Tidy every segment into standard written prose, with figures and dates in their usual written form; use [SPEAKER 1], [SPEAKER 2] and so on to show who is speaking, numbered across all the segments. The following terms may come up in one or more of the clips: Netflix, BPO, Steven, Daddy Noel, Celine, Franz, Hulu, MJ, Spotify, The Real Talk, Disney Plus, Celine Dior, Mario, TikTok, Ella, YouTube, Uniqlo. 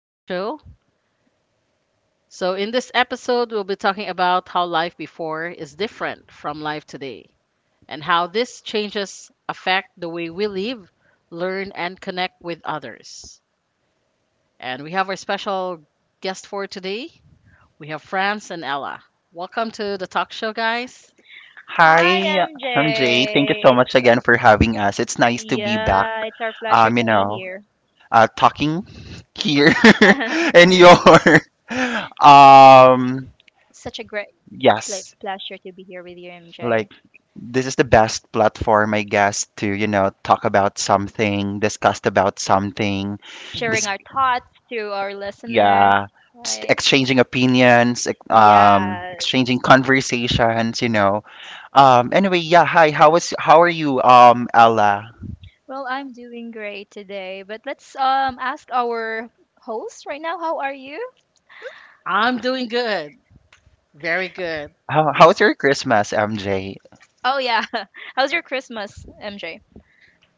[SPEAKER 1] talk show. So, in this episode, we'll be talking about how life before is different from life today, and how these changes affect the way we live, learn, and connect with others. And we have our special guest for today. We have Franz and Ella. Welcome to the talk show, guys.
[SPEAKER 2] Hi,
[SPEAKER 3] Hi, I'm Jay. Thank you
[SPEAKER 2] MJ.
[SPEAKER 3] so much again for having us. It's nice to be back,
[SPEAKER 2] It's our pleasure
[SPEAKER 3] um, you
[SPEAKER 2] to be
[SPEAKER 3] know,
[SPEAKER 2] here.
[SPEAKER 3] talking here in your, um,
[SPEAKER 2] Such a great
[SPEAKER 3] yes,
[SPEAKER 2] pleasure to be here with you,
[SPEAKER 3] like
[SPEAKER 2] MJ.
[SPEAKER 3] this is the best platform, I guess, to, talk about something, discuss about something, this.
[SPEAKER 2] Sharing
[SPEAKER 1] Mhm.
[SPEAKER 2] our thoughts to our listeners.
[SPEAKER 3] yeah s-
[SPEAKER 2] Right?
[SPEAKER 3] exchanging opinions
[SPEAKER 2] Yeah.
[SPEAKER 3] exchanging conversations. Yeah Hi, how are you, Ella?
[SPEAKER 2] Well, I'm doing great today, but let's ask our host right now. How are you?
[SPEAKER 1] I'm doing good. Very good.
[SPEAKER 3] How was your Christmas, MJ?
[SPEAKER 2] Oh yeah. How's your Christmas, MJ?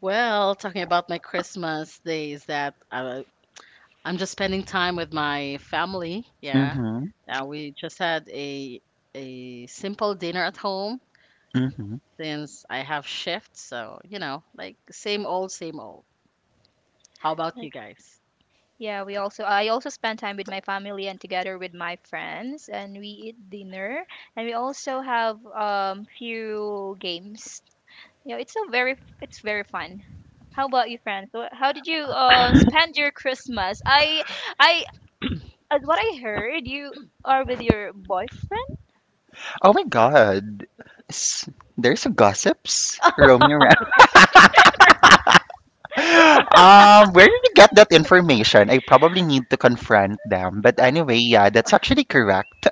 [SPEAKER 1] Well, talking about my Christmas days, that I'm just spending time with my family. Yeah.
[SPEAKER 3] Mm-hmm.
[SPEAKER 1] We just had a simple dinner at home
[SPEAKER 3] Mm-hmm.
[SPEAKER 1] since I have shifts. So, you know, like same old, same old. How about you guys?
[SPEAKER 2] Yeah, we also I also spend time with my family and together with my friends and we eat dinner and we also have few games. Yeah, it's very fun. How about you, friends? How did you spend your Christmas? I As what I heard, you are with your boyfriend.
[SPEAKER 3] Oh my god. S- there's gossips roaming around. Where did you get that information? I probably need to confront them, but anyway, yeah, that's actually correct.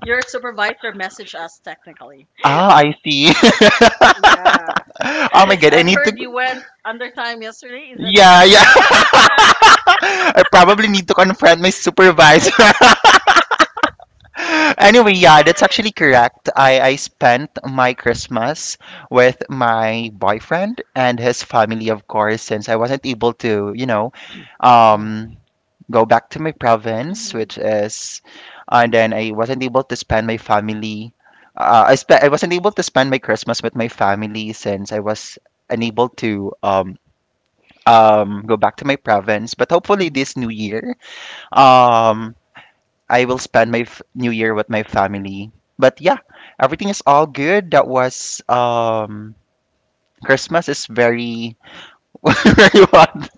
[SPEAKER 1] Your supervisor messaged us technically.
[SPEAKER 3] Ah, I see.
[SPEAKER 1] Yeah,
[SPEAKER 3] Oh my
[SPEAKER 1] because
[SPEAKER 3] god, I
[SPEAKER 1] I've
[SPEAKER 3] need to.
[SPEAKER 1] heard you went under time yesterday. Is
[SPEAKER 3] Yeah, yeah. I probably need to confront my supervisor. Anyway, yeah, that's actually correct. I spent my Christmas with my boyfriend and his family, of course, since I wasn't able to,
[SPEAKER 1] Mm,
[SPEAKER 3] um, go back to my province,
[SPEAKER 2] Hmm
[SPEAKER 3] which is, uh, And then I wasn't able to spend my family. I wasn't able to spend my Christmas with my family since I was unable to go back to my province. But hopefully
[SPEAKER 1] mm.
[SPEAKER 3] this new year, um, I will spend my new year with my family. But yeah, everything is all good. That was Christmas is very very what?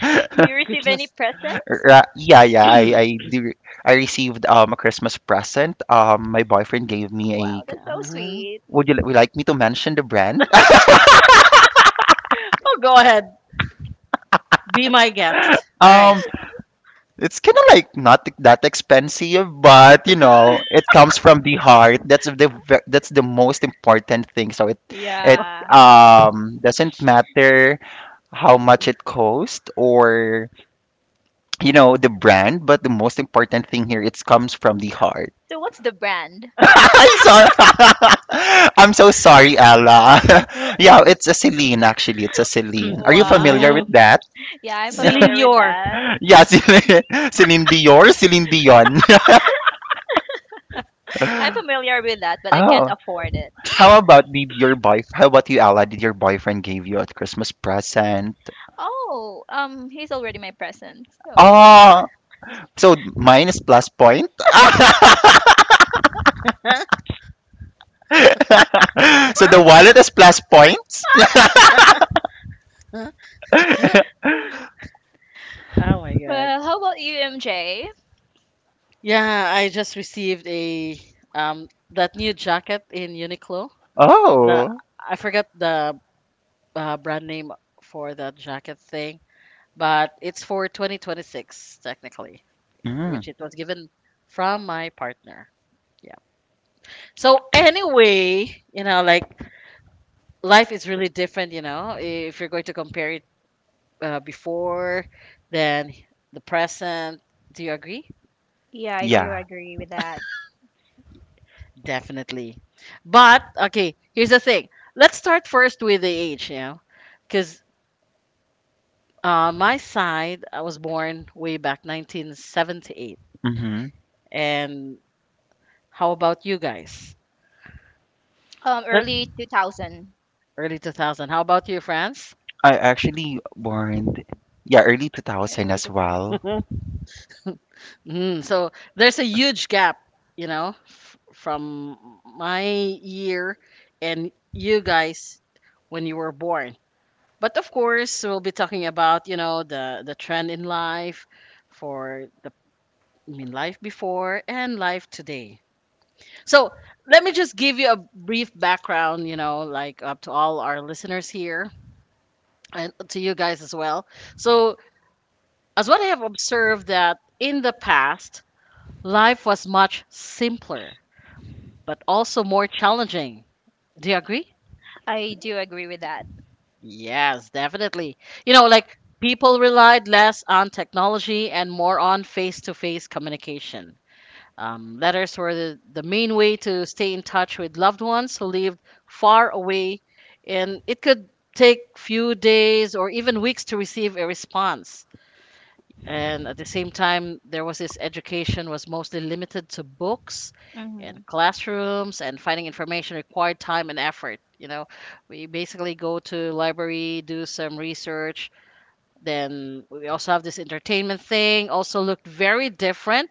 [SPEAKER 2] Do you receive any
[SPEAKER 1] Goodness.
[SPEAKER 2] presents?
[SPEAKER 3] Yeah, yeah. I do. I received a Christmas present. My boyfriend gave me
[SPEAKER 2] Wow,
[SPEAKER 3] a.
[SPEAKER 2] that's so
[SPEAKER 1] Um,
[SPEAKER 2] sweet.
[SPEAKER 3] Would would you like me to mention the brand?
[SPEAKER 1] Oh, go ahead. Be my guest. All right.
[SPEAKER 3] um, It's kind of like not that expensive, but you know, it comes from the heart. That's the most important thing. So it it
[SPEAKER 2] Yeah.
[SPEAKER 3] um doesn't matter how much it costs or you know the brand, but the most important thing here, it comes from the heart.
[SPEAKER 2] So what's the brand?
[SPEAKER 3] I'm sorry. I'm so sorry, Ella. Yeah, it's a Celine, actually. It's a Celine. Are you familiar with
[SPEAKER 2] Wow.
[SPEAKER 1] Mm.
[SPEAKER 3] that?
[SPEAKER 2] Yeah, I'm
[SPEAKER 1] Celine
[SPEAKER 2] familiar with
[SPEAKER 1] Dior.
[SPEAKER 2] that.
[SPEAKER 3] Yeah, Celine, Celine Dior, Celine Dion.
[SPEAKER 2] I'm familiar with that, but I can't
[SPEAKER 3] Oh,
[SPEAKER 2] afford it.
[SPEAKER 3] how about did your boy? How about you, Ella? Did your boyfriend give you a Christmas present?
[SPEAKER 2] Oh, he's already my present. So.
[SPEAKER 3] Oh, so mine is plus point.
[SPEAKER 1] oh
[SPEAKER 3] So the wallet is plus points.
[SPEAKER 1] my God.
[SPEAKER 2] Well, how about you, MJ?
[SPEAKER 1] Yeah, I just received a that new jacket in Uniqlo. The
[SPEAKER 3] Oh.
[SPEAKER 1] I forgot the brand name for that jacket thing, but it's for 2026 technically,
[SPEAKER 3] Mm.
[SPEAKER 1] which it was given from my partner. Yeah. So anyway, you know, like life is really different, you know, if you're going to compare it before, then the present. Do you agree?
[SPEAKER 2] Yeah, I do
[SPEAKER 3] Yeah.
[SPEAKER 2] agree with that.
[SPEAKER 1] Definitely. But okay, here's the thing. Let's start first with the age, you know, because my side, I was born way back 1978.
[SPEAKER 3] Mm-hmm.
[SPEAKER 1] And how about you guys? Let
[SPEAKER 2] Early 2000.
[SPEAKER 1] Early 2000. How about you, France?
[SPEAKER 3] I actually born, yeah, early 2000
[SPEAKER 2] Early
[SPEAKER 3] as
[SPEAKER 2] 2000.
[SPEAKER 3] well.
[SPEAKER 1] Mm, so there's a huge gap, you know, from my year and you guys when you were born. But of course, we'll be talking about, you know, the trend in life for the life before and life today. So, let me just give you a brief background, you know, like up to all our listeners here and to you guys as well. So, as what I have observed that in the past, life was much simpler, but also more challenging. Do you agree?
[SPEAKER 2] I do agree with that.
[SPEAKER 1] Yes, definitely. You know, like people relied less on technology and more on face to face communication. Letters were the main way to stay in touch with loved ones who lived far away, and it could take few days or even weeks to receive a response. And at the same time, there was this education was mostly limited to books and
[SPEAKER 2] Hmm
[SPEAKER 1] classrooms, and finding information required time and effort. You know, we basically go to library, do some research, then we also have this entertainment thing, also looked very different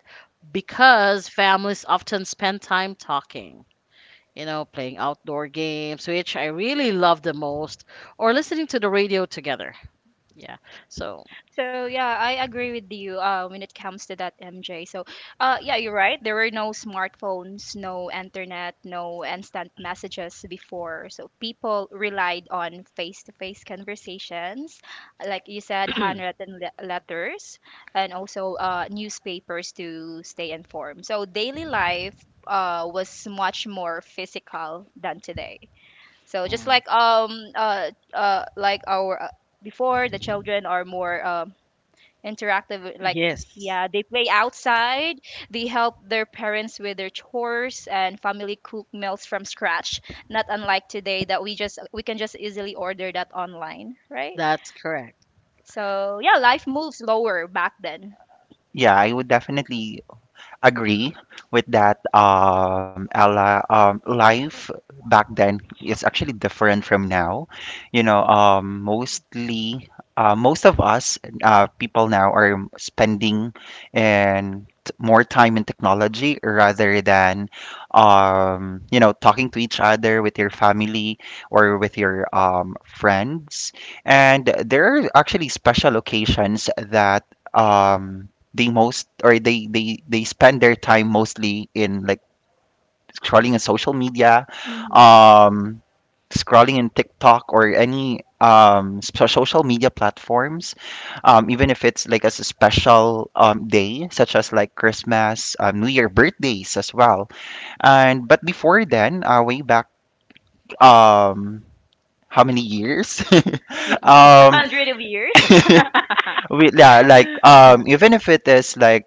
[SPEAKER 1] because families often spend time talking, you know, playing outdoor games, which I really love the most, or listening to the radio together. Yeah. So,
[SPEAKER 2] So yeah, I agree with you when it comes to that, MJ. Yeah, you're right. There were no smartphones, no internet, no instant messages before. So people relied on face-to-face conversations, like you said, handwritten letters, and also newspapers to stay informed. So daily life was much more physical than today. So just like our before, the children are more interactive, like
[SPEAKER 1] yes,
[SPEAKER 2] yeah, they play outside, they help their parents with their chores and family cook meals from scratch, not unlike today that we can just easily order that online, right?
[SPEAKER 1] that's correct.
[SPEAKER 2] So yeah, life moves slower back then.
[SPEAKER 3] Yeah, I would definitely agree with that, Ella. Life back then is actually different from now. You know, most of us, people now are spending and more time in technology rather than, you know, talking to each other with your family or with your friends. And there are actually special occasions that. Um, they most, or they spend their time mostly in like scrolling in social media,
[SPEAKER 2] Mm-hmm.
[SPEAKER 3] um, scrolling in TikTok or any social media platforms, even if it's like as a special day such as like Christmas, New Year, birthdays as well. And but before then, way back, um how many years? um
[SPEAKER 2] Hundred of years.
[SPEAKER 3] We, yeah, like, even if it is like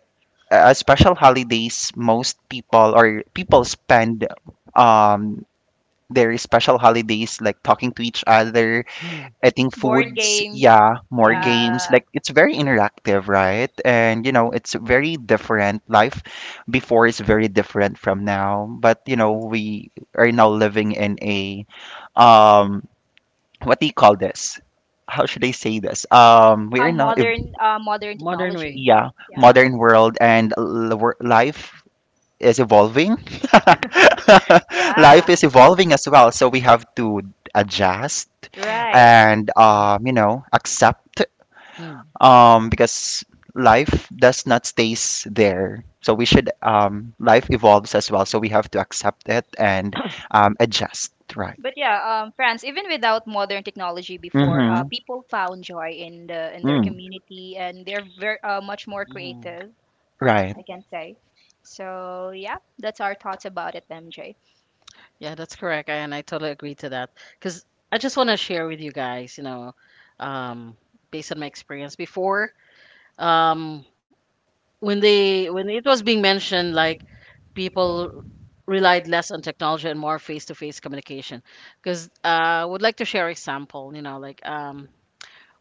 [SPEAKER 3] a special holidays, most people, or people spend um their special holidays like talking to each other,
[SPEAKER 1] Mm,
[SPEAKER 3] eating
[SPEAKER 2] Board
[SPEAKER 3] foods,
[SPEAKER 2] game.
[SPEAKER 3] yeah, more
[SPEAKER 1] mm.
[SPEAKER 3] games.
[SPEAKER 2] Yeah.
[SPEAKER 3] Like it's very interactive, right? And you know, it's very different. Life before is very different from now, but you know, we are now living in a, um, what do you call this? How should I say this? We
[SPEAKER 2] a
[SPEAKER 3] are now. Ev-
[SPEAKER 2] modern uh, modern
[SPEAKER 1] Modern
[SPEAKER 2] technology.
[SPEAKER 1] way.
[SPEAKER 3] Yeah,
[SPEAKER 2] Yeah.
[SPEAKER 1] Yeah.
[SPEAKER 3] modern world and life is evolving.
[SPEAKER 2] Yeah.
[SPEAKER 3] Life is evolving as well, so we have to adjust. Yes.
[SPEAKER 2] Right.
[SPEAKER 3] And you know, accept
[SPEAKER 1] Mm.
[SPEAKER 3] because life does not stays there. So we should life evolves as well, so we have to accept it and adjust, right?
[SPEAKER 2] But yeah, France, even without modern technology before,
[SPEAKER 3] Mm-hmm.
[SPEAKER 2] people found joy in the in their
[SPEAKER 3] Mm,
[SPEAKER 2] community, and they're very much more
[SPEAKER 1] Mm.
[SPEAKER 2] creative,
[SPEAKER 3] right.
[SPEAKER 2] I can say. So yeah, that's our thoughts about it, MJ.
[SPEAKER 1] Yeah, that's correct. And I totally agree to that. Because I just want to share with you guys, you know, um, based on my experience before, um, when they when it was being mentioned like people relied less on technology and more face-to-face communication. Because I would like to share example, you know, like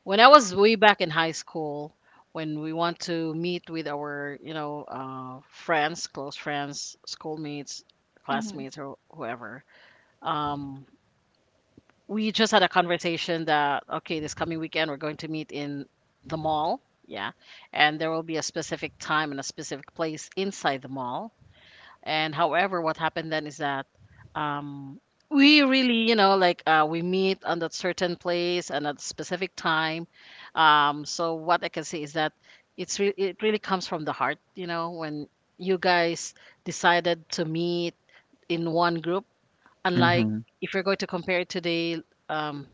[SPEAKER 1] when I was way back in high school, when we want to meet with our, you know, friends, close friends, schoolmates,
[SPEAKER 2] Mm-hmm.
[SPEAKER 1] classmates, or whoever, um, we just had a conversation that okay, this coming weekend we're going to meet in the mall. Yeah. And there will be a specific time and a specific place inside the mall. And however, what happened then is that um we really, you know, like we meet on that certain place and at a specific time. Um so what I can say is that it really comes from the heart, you know, when you guys decided to meet in one group, unlike
[SPEAKER 3] Mm-hmm.
[SPEAKER 1] if you're going to compare it today. Um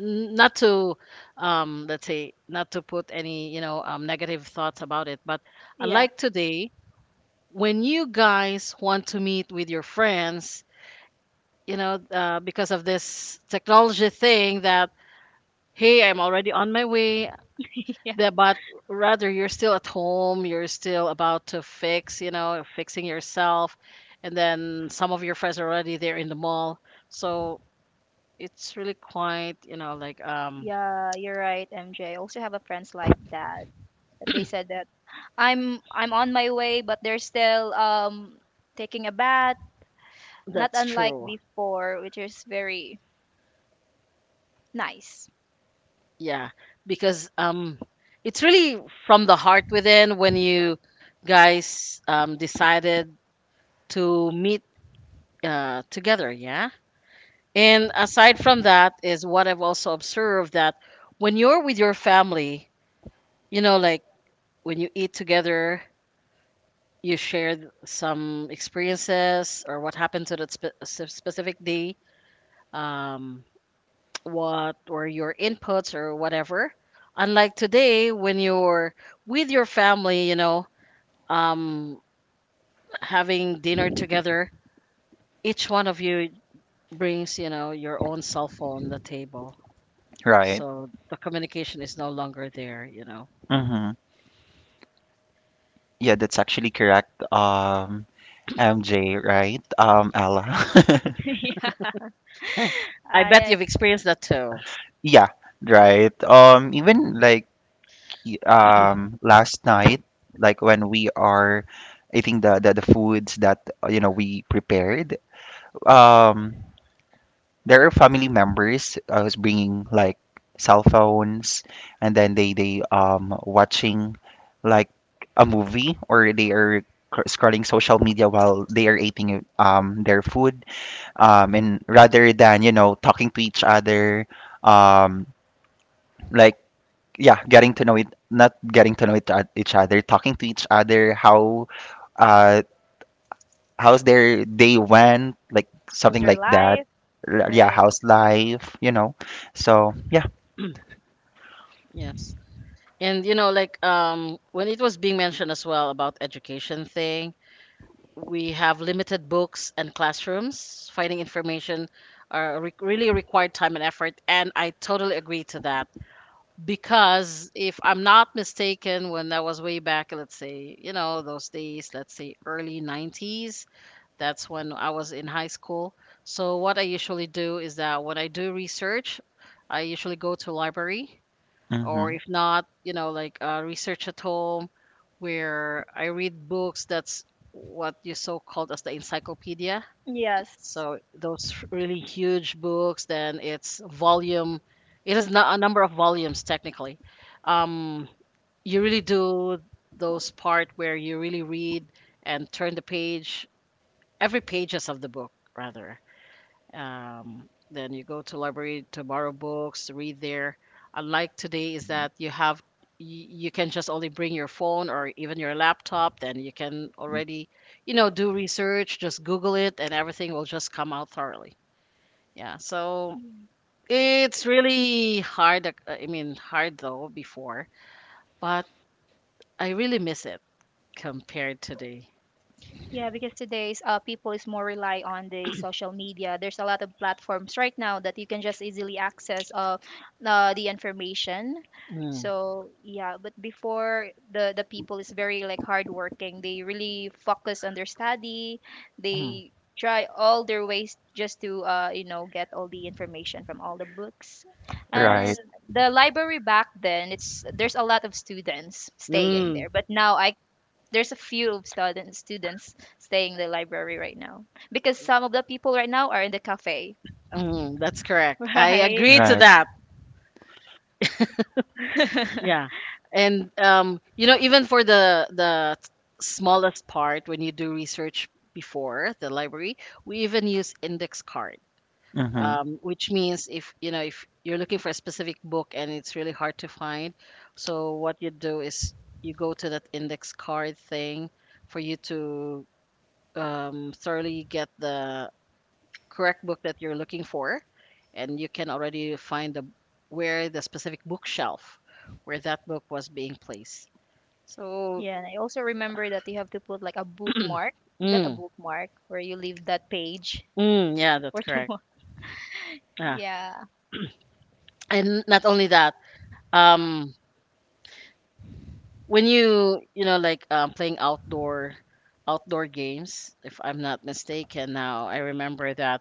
[SPEAKER 1] Not to, let's say, not to put any, you know, negative thoughts about it, but I
[SPEAKER 2] Yeah,
[SPEAKER 1] like today when you guys want to meet with your friends, you know, because of this technology thing that hey, I'm already on my way.
[SPEAKER 2] yeah,
[SPEAKER 1] But rather you're still at home, you're still about to fixing yourself, and then some of your friends are already there in the mall. So it's really quite, you know, like. Um
[SPEAKER 2] yeah. You're right, MJ. Also have a friends like that. They said that I'm on my way, but they're still taking a bath, not
[SPEAKER 1] that's
[SPEAKER 2] unlike
[SPEAKER 1] true.
[SPEAKER 2] before, which is very nice.
[SPEAKER 1] Yeah, because it's really from the heart within when you guys decided to meet together. Yeah. And aside from that, is what I've also observed that when you're with your family, you know, like when you eat together, you share some experiences or what happened to that specific day. Um, what were your inputs or whatever. Unlike today, when you're with your family, you know, um, having dinner together, each one of you brings, you know, your own cell phone on the table.
[SPEAKER 3] Right.
[SPEAKER 1] So the communication is no longer there, you know.
[SPEAKER 3] Mm-hmm. Yeah, that's actually correct. MJ, right? Ella.
[SPEAKER 2] Yeah,
[SPEAKER 1] I
[SPEAKER 2] I,
[SPEAKER 1] bet you've
[SPEAKER 2] I-
[SPEAKER 1] experienced that too.
[SPEAKER 3] Yeah, right. Even like last night, like when we are eating the foods that you know we prepared, um, there are family members who's bringing like cell phones, and then they watching like a movie, or they are scrolling social media while they are eating their food, and rather than you know talking to each other, um, like yeah, getting to know it, not getting to know it, each other, talking to each other, how, uh, how's their day went, like
[SPEAKER 2] those
[SPEAKER 3] something
[SPEAKER 2] are
[SPEAKER 3] like that.
[SPEAKER 2] life.
[SPEAKER 3] Yeah,
[SPEAKER 2] Right.
[SPEAKER 3] how's life, you know? So yeah,
[SPEAKER 1] Yes. And you know, like when it was being mentioned as well about education thing, we have limited books and classrooms. Finding information really required time and effort, and I totally agree to that. Because if I'm not mistaken, when that was way back, let's say, you know, those days, let's say early 90s, that's when I was in high school. So what I usually do is that when I do research, I usually go to library,
[SPEAKER 3] hmm.
[SPEAKER 1] or if not, you know, like research at home, where I read books. That's what you so called as the encyclopedia.
[SPEAKER 2] Yes.
[SPEAKER 1] So those really huge books, then it's volume. It is not a number of volumes technically. Um, you really do those part where you really read and turn the page, every pages of the book rather. Then you go to library to borrow books, read there. Unlike today, is that you, you can just only bring your phone or even your laptop. Then you can already, you know, do research. Just Google it, and everything will just come out thoroughly. Yeah. So it's really hard. I mean, hard though before, but I really miss it compared today.
[SPEAKER 2] Yeah, because today's people is more rely on the social media. There's a lot of platforms right now that you can just easily access, the information.
[SPEAKER 1] Mm,
[SPEAKER 2] So yeah, but before the people is very like hardworking. They really focus on their study.
[SPEAKER 1] mm,
[SPEAKER 2] They try all their ways just to you know get all the information from all the books. And
[SPEAKER 1] yes.
[SPEAKER 3] Right,
[SPEAKER 2] the library back then, it's there's a lot of students staying
[SPEAKER 1] Mm,
[SPEAKER 2] there. But now I there's a few of students staying in the library right now because some of the people right now are in the cafe.
[SPEAKER 1] mm, that's correct. I
[SPEAKER 2] right.
[SPEAKER 1] agree to
[SPEAKER 3] right.
[SPEAKER 1] that. Yeah. And you know, even for the smallest part, when you do research before the library, we even use index card.
[SPEAKER 3] Mm-hmm.
[SPEAKER 1] Which means if you know if you're looking for a specific book and it's really hard to find, so what you do is you go to that index card thing for you to thoroughly get the correct book that you're looking for, and you can already find the where the specific bookshelf where that book was being placed. So,
[SPEAKER 2] yeah, and I also remember that you have to put like a bookmark. Is that a
[SPEAKER 1] mm,
[SPEAKER 2] bookmark where you leave that page
[SPEAKER 1] mm, yeah,
[SPEAKER 2] for
[SPEAKER 1] that's correct.
[SPEAKER 2] tomorrow?
[SPEAKER 1] Yeah,
[SPEAKER 2] yeah.
[SPEAKER 1] and not only that, um, when you know, like playing outdoor games, if I'm not mistaken, now I remember that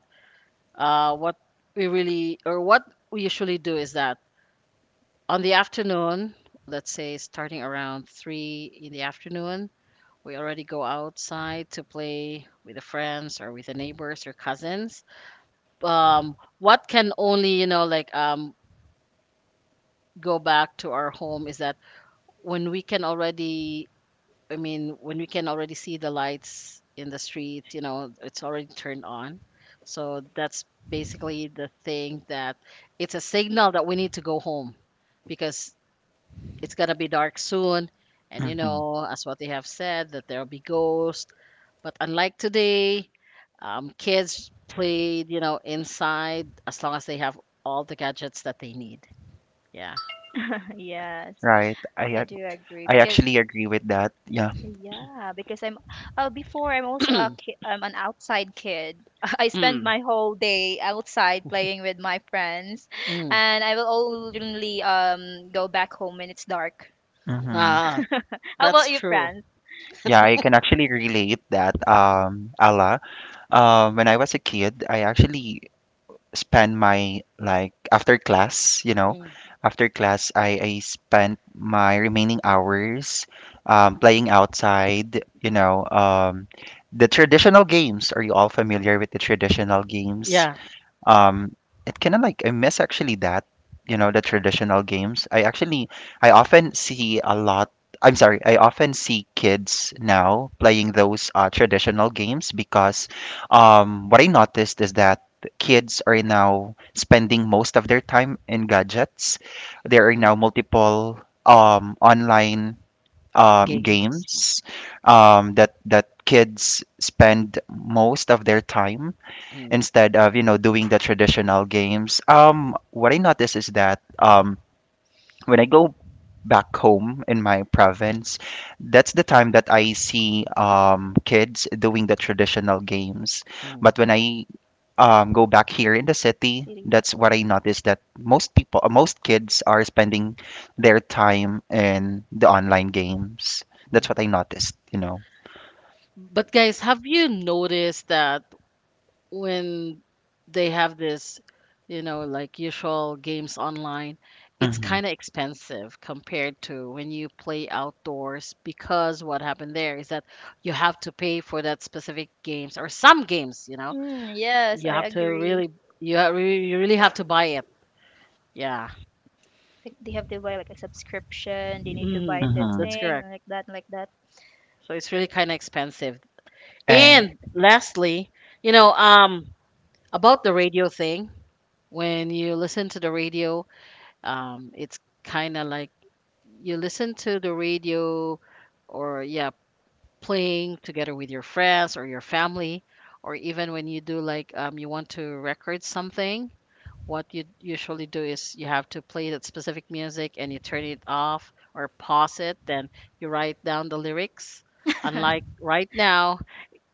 [SPEAKER 1] what we really or what we usually do is that on the afternoon, let's say starting around three in the afternoon, we already go outside to play with the friends or with the neighbors or cousins. What can only, you know, like go back to our home is that when we can already, I mean, when we can already see the lights in the street, you know, it's already turned on. So that's basically the thing that it's a signal that we need to go home because it's gonna be dark soon, and you
[SPEAKER 3] Mm-hmm.
[SPEAKER 1] know, as what they have said, that there'll be ghosts. But unlike today, kids played, you know, inside as long as they have all the gadgets that they need. Yeah.
[SPEAKER 2] yes,
[SPEAKER 3] Right.
[SPEAKER 2] I do agree
[SPEAKER 3] I
[SPEAKER 2] because
[SPEAKER 3] actually agree with that. Yeah.
[SPEAKER 2] yeah, because I'm before I'm also a ki I'm an outside kid. I spend
[SPEAKER 1] Mm.
[SPEAKER 2] my whole day outside playing with my friends,
[SPEAKER 1] mm.
[SPEAKER 2] and I will only go back home when it's dark.
[SPEAKER 3] Hmm.
[SPEAKER 1] Ah,
[SPEAKER 2] How
[SPEAKER 1] that's
[SPEAKER 2] about you,
[SPEAKER 1] true.
[SPEAKER 2] friends?
[SPEAKER 3] Yeah, I can actually relate that, Ala. When I was a kid, I actually spent my like after class, you know,
[SPEAKER 1] Mm.
[SPEAKER 3] after class, I spent my remaining hours playing outside, you know, the traditional games. Are you all familiar with the traditional games?
[SPEAKER 1] Yeah,
[SPEAKER 3] Um, it kind of like I miss actually that, you know, the traditional games. I actually I often see a lot. I'm sorry, I often see kids now playing those traditional games because what I noticed is that kids are now spending most of their time in gadgets. There are now multiple online
[SPEAKER 1] games.
[SPEAKER 3] games that kids spend most of their time
[SPEAKER 1] Mm,
[SPEAKER 3] instead of you know doing the traditional games. What I notice is that when I go back home in my province, that's the time that I see kids doing the traditional games.
[SPEAKER 1] mm,
[SPEAKER 3] But when I, go back here in the city, that's
[SPEAKER 2] Series.
[SPEAKER 3] what I notice, that most people, most kids are spending their time in the online games. That's what I
[SPEAKER 1] mm.
[SPEAKER 3] noticed, you know.
[SPEAKER 1] But guys, have you noticed that when they have this, you know, like usual games online, it's
[SPEAKER 3] Hmm.
[SPEAKER 1] kind of expensive compared to when you play outdoors, because what happened there is that you have to pay for that specific games, or some games, you know,
[SPEAKER 2] Mm, yes,
[SPEAKER 1] you
[SPEAKER 2] I
[SPEAKER 1] have to
[SPEAKER 2] agree.
[SPEAKER 1] really, you really have to buy it. Yeah.
[SPEAKER 2] Like they have to buy like a subscription. They need to
[SPEAKER 1] Mm,
[SPEAKER 2] buy this
[SPEAKER 3] Hmm.
[SPEAKER 1] that's
[SPEAKER 2] thing
[SPEAKER 1] correct.
[SPEAKER 2] and like that, and like that.
[SPEAKER 1] So it's really kind of expensive.
[SPEAKER 3] And
[SPEAKER 1] And lastly, you know, about the radio thing, when you listen to the radio, it's kind of like you listen to the radio or, yeah, playing together with your friends or your family, or even when you do like, you want to record something. What you usually do is you have to play that specific music and you turn it off or pause it, then you write down the lyrics. Unlike right now,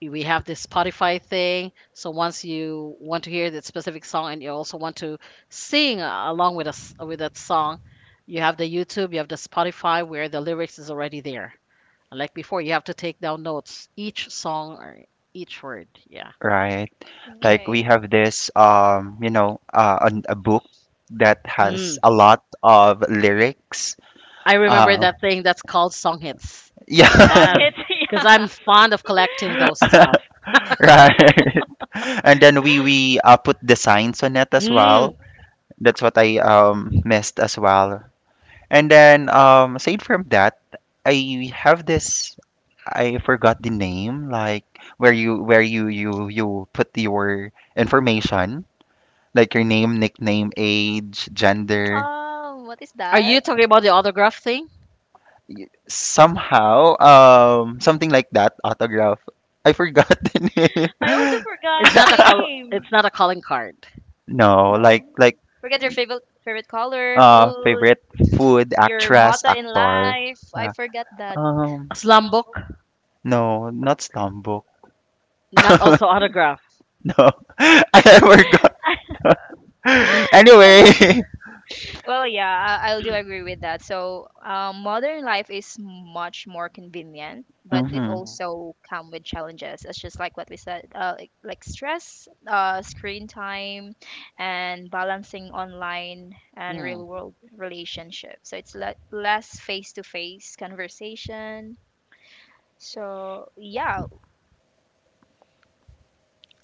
[SPEAKER 1] we have this Spotify thing. So once you want to hear that specific song and you also want to sing along with us with that song, you have the YouTube, you have the Spotify where the lyrics is already there. Like before, you have to take down notes each song or each word. Yeah.
[SPEAKER 3] right. Like
[SPEAKER 2] Right.
[SPEAKER 3] we have this you know, a book that has
[SPEAKER 1] Mm.
[SPEAKER 3] a lot of lyrics.
[SPEAKER 1] I remember
[SPEAKER 3] Uh,
[SPEAKER 1] that thing that's called song hits.
[SPEAKER 2] Song
[SPEAKER 1] Yes,
[SPEAKER 3] yeah.
[SPEAKER 2] hits.
[SPEAKER 1] because
[SPEAKER 2] Yeah.
[SPEAKER 1] I'm fond of collecting those stuff.
[SPEAKER 3] Right. And then we put the signs on it as
[SPEAKER 1] Mm.
[SPEAKER 3] well. That's what I missed as well. And then aside from that, I have this I forgot the name, like where you put your information, like your name, nickname, age, gender,
[SPEAKER 2] What is
[SPEAKER 1] Are you
[SPEAKER 2] that?
[SPEAKER 1] talking about the autograph thing?
[SPEAKER 3] somehow, something like that, autograph. I forgot the
[SPEAKER 2] I also
[SPEAKER 3] name.
[SPEAKER 2] forgot
[SPEAKER 1] It's
[SPEAKER 2] the
[SPEAKER 1] not a call.
[SPEAKER 2] name.
[SPEAKER 1] It's not a calling card.
[SPEAKER 3] No,
[SPEAKER 2] No.
[SPEAKER 3] like
[SPEAKER 2] Forget your favorite favorite color, food,
[SPEAKER 3] favorite food,
[SPEAKER 2] your
[SPEAKER 3] actress,
[SPEAKER 2] motto in
[SPEAKER 3] actor.
[SPEAKER 2] life. I
[SPEAKER 3] Yeah.
[SPEAKER 2] forget that.
[SPEAKER 3] Um
[SPEAKER 1] A slam book,
[SPEAKER 3] no, not Stambuk.
[SPEAKER 1] not also autograph.
[SPEAKER 3] No. I forgot. Anyway.
[SPEAKER 2] Well, yeah, I do agree with that. So, modern life is much more convenient, but it
[SPEAKER 3] Hmm.
[SPEAKER 2] also come with challenges. It's just like what we said, like stress, screen time, and balancing online and real
[SPEAKER 1] Mm,
[SPEAKER 2] world relationships. So it's less face to face conversation. So yeah,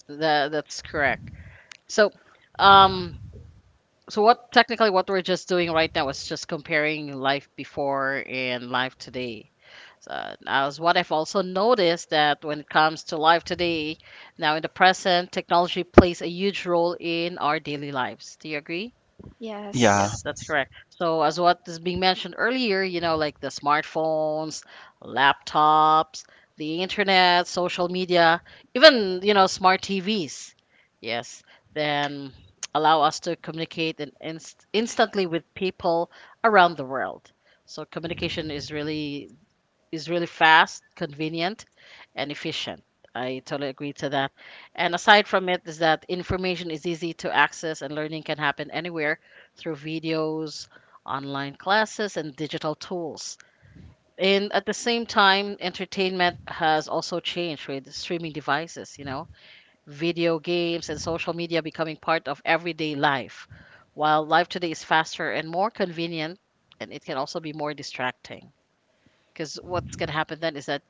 [SPEAKER 1] that's correct. So, um, so what technically what we're just doing right now is just comparing life before and life today. So, as what I've also noticed that when it comes to life today, now in the present, technology plays a huge role in our daily lives. Do you agree?
[SPEAKER 3] Yeah.
[SPEAKER 1] Yes,
[SPEAKER 2] yes.
[SPEAKER 1] that's correct. So, as what is being mentioned earlier, you know, like the smartphones, laptops, the internet, social media, even, you know, smart TVs. Yes, then allow us to communicate in instantly with people around the world. So, communication is really fast, convenient, and efficient. I totally agree to that. And aside from it, is that information is easy to access and learning can happen anywhere through videos, online classes, and digital tools. And at the same time, entertainment has also changed with streaming devices, you know, video games and social media becoming part of everyday life. While life today is faster and more convenient, and it can also be more distracting because what's going to happen then is that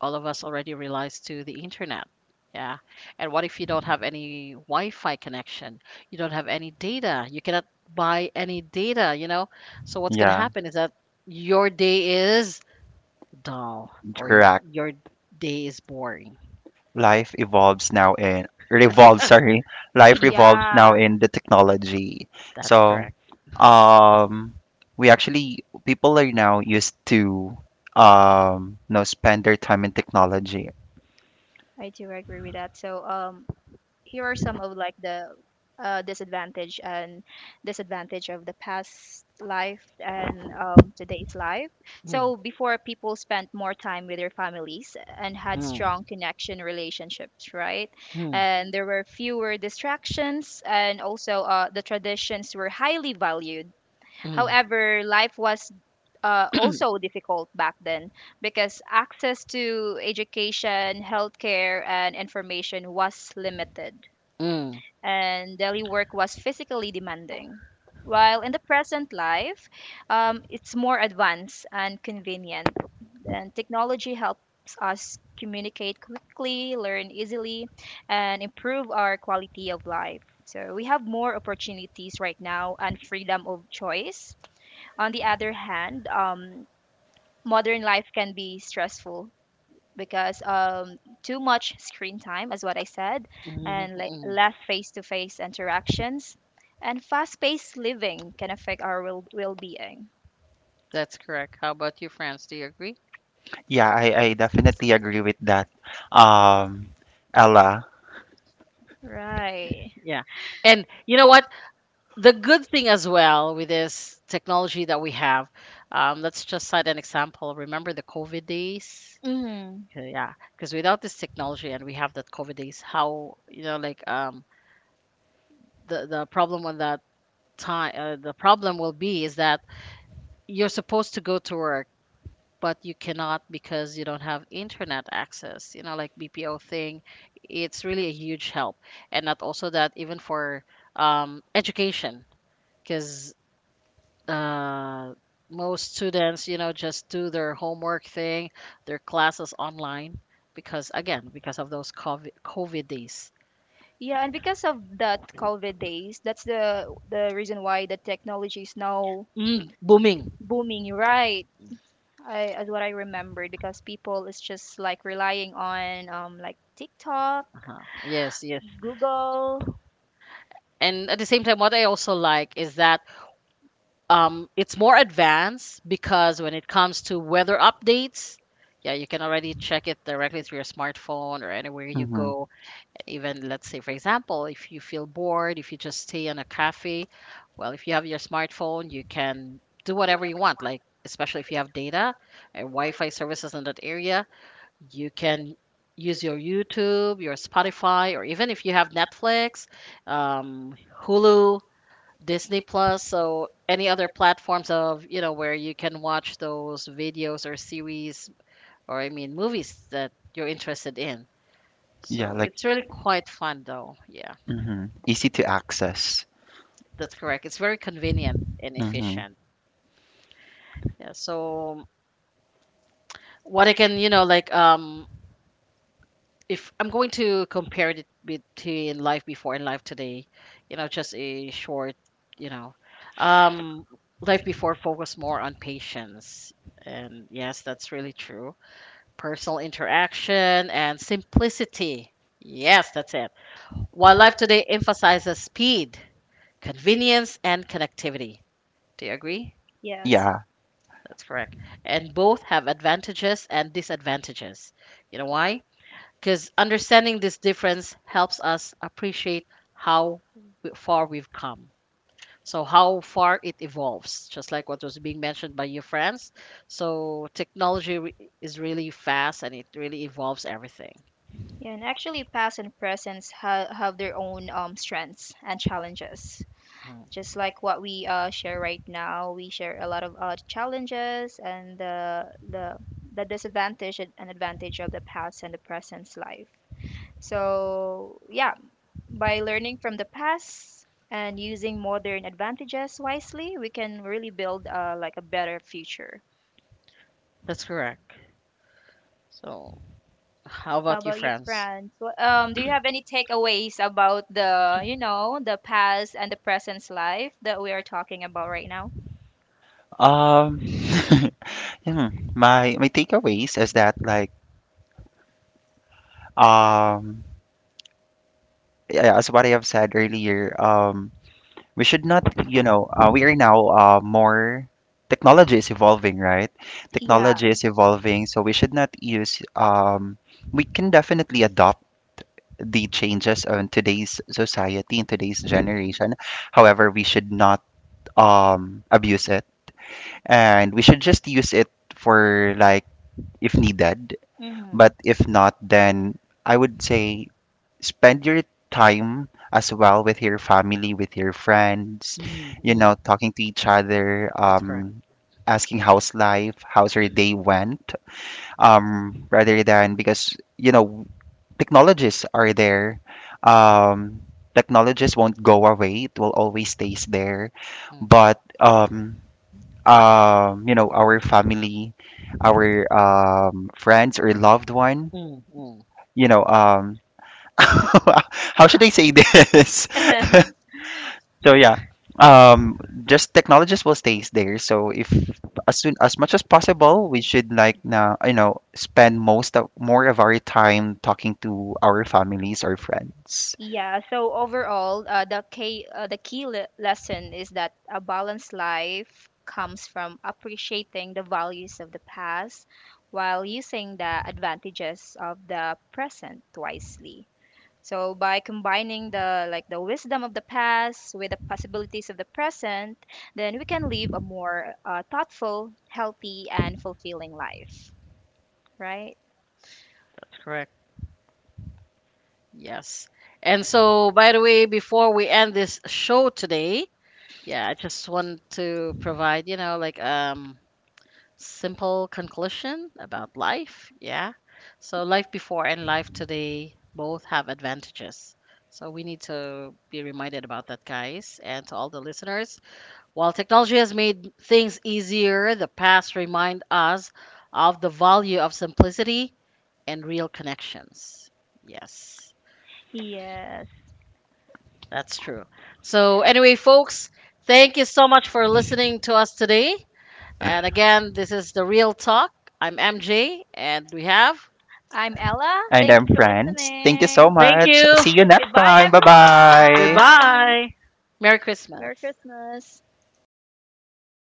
[SPEAKER 1] all of us already relies to the internet. Yeah. And what if you don't have any Wi-Fi connection? You don't have any data. You cannot buy any data, you know? So what's going to
[SPEAKER 3] Yeah.
[SPEAKER 1] happen is that your day is dull or
[SPEAKER 3] Correct.
[SPEAKER 1] your day is boring.
[SPEAKER 3] life evolves now in revolves sorry Life revolves now
[SPEAKER 2] Yeah,
[SPEAKER 3] in the technology,
[SPEAKER 1] That's
[SPEAKER 3] so
[SPEAKER 1] correct.
[SPEAKER 3] um we actually, people are now used to you know spend their time in technology.
[SPEAKER 2] I do agree with that. So, here are some of like the disadvantage and disadvantage of the past life and, today's life.
[SPEAKER 1] Mm,
[SPEAKER 2] So before, people spent more time with their families and had
[SPEAKER 1] mm,
[SPEAKER 2] strong connection relationships, right?
[SPEAKER 1] mm,
[SPEAKER 2] And there were fewer distractions, and also the traditions were highly valued.
[SPEAKER 1] mm,
[SPEAKER 2] However, life was also difficult back then because access to education, healthcare, and information was limited,
[SPEAKER 1] mm,
[SPEAKER 2] and daily work was physically demanding. While in the present life, it's more advanced and convenient, and technology helps us communicate quickly, learn easily, and improve our quality of life. So we have more opportunities right now and freedom of choice. On the other hand, modern life can be stressful because, too much screen time, as what I said,
[SPEAKER 1] mm.
[SPEAKER 2] and
[SPEAKER 1] mm.
[SPEAKER 2] less face-to-face interactions, and fast-paced living can affect our well-being.
[SPEAKER 1] That's correct. How about you, France? Do you agree?
[SPEAKER 3] Yeah, I definitely agree with that, um Ella.
[SPEAKER 2] Right.
[SPEAKER 1] Yeah. And you know what? The good thing as well with this technology that we have, let's just cite an example. Remember the COVID days?
[SPEAKER 2] Mm.
[SPEAKER 1] Yeah, because without this technology and we have that COVID days, how you know, the problem on that time, the problem will be is that you're supposed to go to work, but you cannot because you don't have internet access. You know, like BPO thing, it's really a huge help, and not also that even for education. Because uh, most students, you know, just do their homework thing, their classes online because again, because of those COVID days.
[SPEAKER 2] Yeah, and because of that COVID days, that's the reason why the technology is now
[SPEAKER 1] Mm, booming.
[SPEAKER 2] booming, right? I, as what I remembered, because people is just like relying on like TikTok,
[SPEAKER 1] Uh-huh. Yes, yes.
[SPEAKER 2] Google.
[SPEAKER 1] And at the same time, what I also like is that it's more advanced because when it comes to weather updates, yeah, you can already check it directly through your smartphone or anywhere you
[SPEAKER 3] Hmm.
[SPEAKER 1] go. Even let's say, for example, if you feel bored, if you just stay in a cafe, well, if you have your smartphone, you can do whatever you want. Like especially if you have data and Wi-Fi services in that area, you can use your YouTube, your Spotify, or even if you have Netflix, um, Hulu, Disney Plus, so any other platforms of you know where you can watch those videos or series or I mean movies that you're interested in.
[SPEAKER 3] Yeah,
[SPEAKER 1] So
[SPEAKER 3] like
[SPEAKER 1] it's really quite fun though. Yeah.
[SPEAKER 3] hmm, easy to access.
[SPEAKER 1] That's correct. It's very convenient and
[SPEAKER 3] Hmm.
[SPEAKER 1] efficient. Yeah. So what I can, you know, if I'm going to compare it between life before and life today, you know, just a short, you know, um life before focused more on patience. And yes, that's really true. Personal interaction and simplicity. Yes, that's it. While life today emphasizes speed, convenience, and connectivity. Do you agree?
[SPEAKER 2] Yes.
[SPEAKER 3] Yeah.
[SPEAKER 1] That's correct. And both have advantages and disadvantages. You know why? Because understanding this difference helps us appreciate how far we've come. So, how far it evolves, just like what was being mentioned by your friends. So, is really fast and it really evolves everything.
[SPEAKER 2] Yeah, and actually, past and presents have their own, strengths and challenges. Just like what we share right now, we share a lot of challenges and the disadvantage and advantage of the past and the present's life. So yeah, by learning from the past and using modern advantages wisely, we can really build, like a better future.
[SPEAKER 1] That's correct. So, how
[SPEAKER 2] How
[SPEAKER 1] about?
[SPEAKER 2] about you, Franz? Do you have any takeaways about the, you know, the past and the present's life that we are talking about right now?
[SPEAKER 3] um hmm, my takeaways is that like um yeah, yeah, as what I have said earlier, we should not, you know, we are now more, technology is evolving, right?
[SPEAKER 2] Yeah.
[SPEAKER 3] Technology is evolving, so we should not use. We can definitely adopt the changes on today's society in today's generation. However, we should not abuse it, and we should just use it for like if needed.
[SPEAKER 2] hmm
[SPEAKER 3] But if not, then I would say, spend your time as well with your family, with your friends,
[SPEAKER 1] Mm,
[SPEAKER 3] you
[SPEAKER 1] mm,
[SPEAKER 3] know, talking to each other,
[SPEAKER 1] that's correct.
[SPEAKER 3] asking how's life, how's your day went, rather than because, you know, technologies are there. Um, technologies won't go away, it will always stays there.
[SPEAKER 1] Mm,
[SPEAKER 3] But, You know, our family, our friends or loved one,
[SPEAKER 1] mm, mm,
[SPEAKER 3] you know, how should I say this? So yeah, um, just technologies will stay there. So if as soon as much as possible, we should like now you know spend most of more of our time talking to our families or friends.
[SPEAKER 2] Yeah. So overall, the key lesson is that a balanced life comes from appreciating the values of the past while using the advantages of the present wisely. So by combining the like the wisdom of the past with the possibilities of the present, then we can live a more thoughtful, healthy, and fulfilling life. Right?
[SPEAKER 1] that's correct. Yes. And so, by the way, before we end this show today, yeah, I just want to provide, you know, simple conclusion about life. Yeah. So life before and life today both have advantages. So we need to be reminded about that, guys, and to all the listeners. While technology has made things easier, the past remind us of the value of simplicity and real connections. Yes,
[SPEAKER 2] Yes.
[SPEAKER 1] that's true. So anyway, folks, thank you so much for listening to us today. And again, this is The Real Talk. I'm MJ, and we have.
[SPEAKER 2] I'm Ella.
[SPEAKER 3] And
[SPEAKER 2] Thank
[SPEAKER 3] I'm
[SPEAKER 2] you for
[SPEAKER 3] friends. Thank you so
[SPEAKER 2] listening. Thank
[SPEAKER 1] Thank
[SPEAKER 2] you.
[SPEAKER 3] much.
[SPEAKER 1] you.
[SPEAKER 3] See you next
[SPEAKER 2] Goodbye,
[SPEAKER 3] time. Bye bye.
[SPEAKER 2] everyone. Bye.
[SPEAKER 1] Goodbye. Merry Christmas.
[SPEAKER 2] Merry Christmas.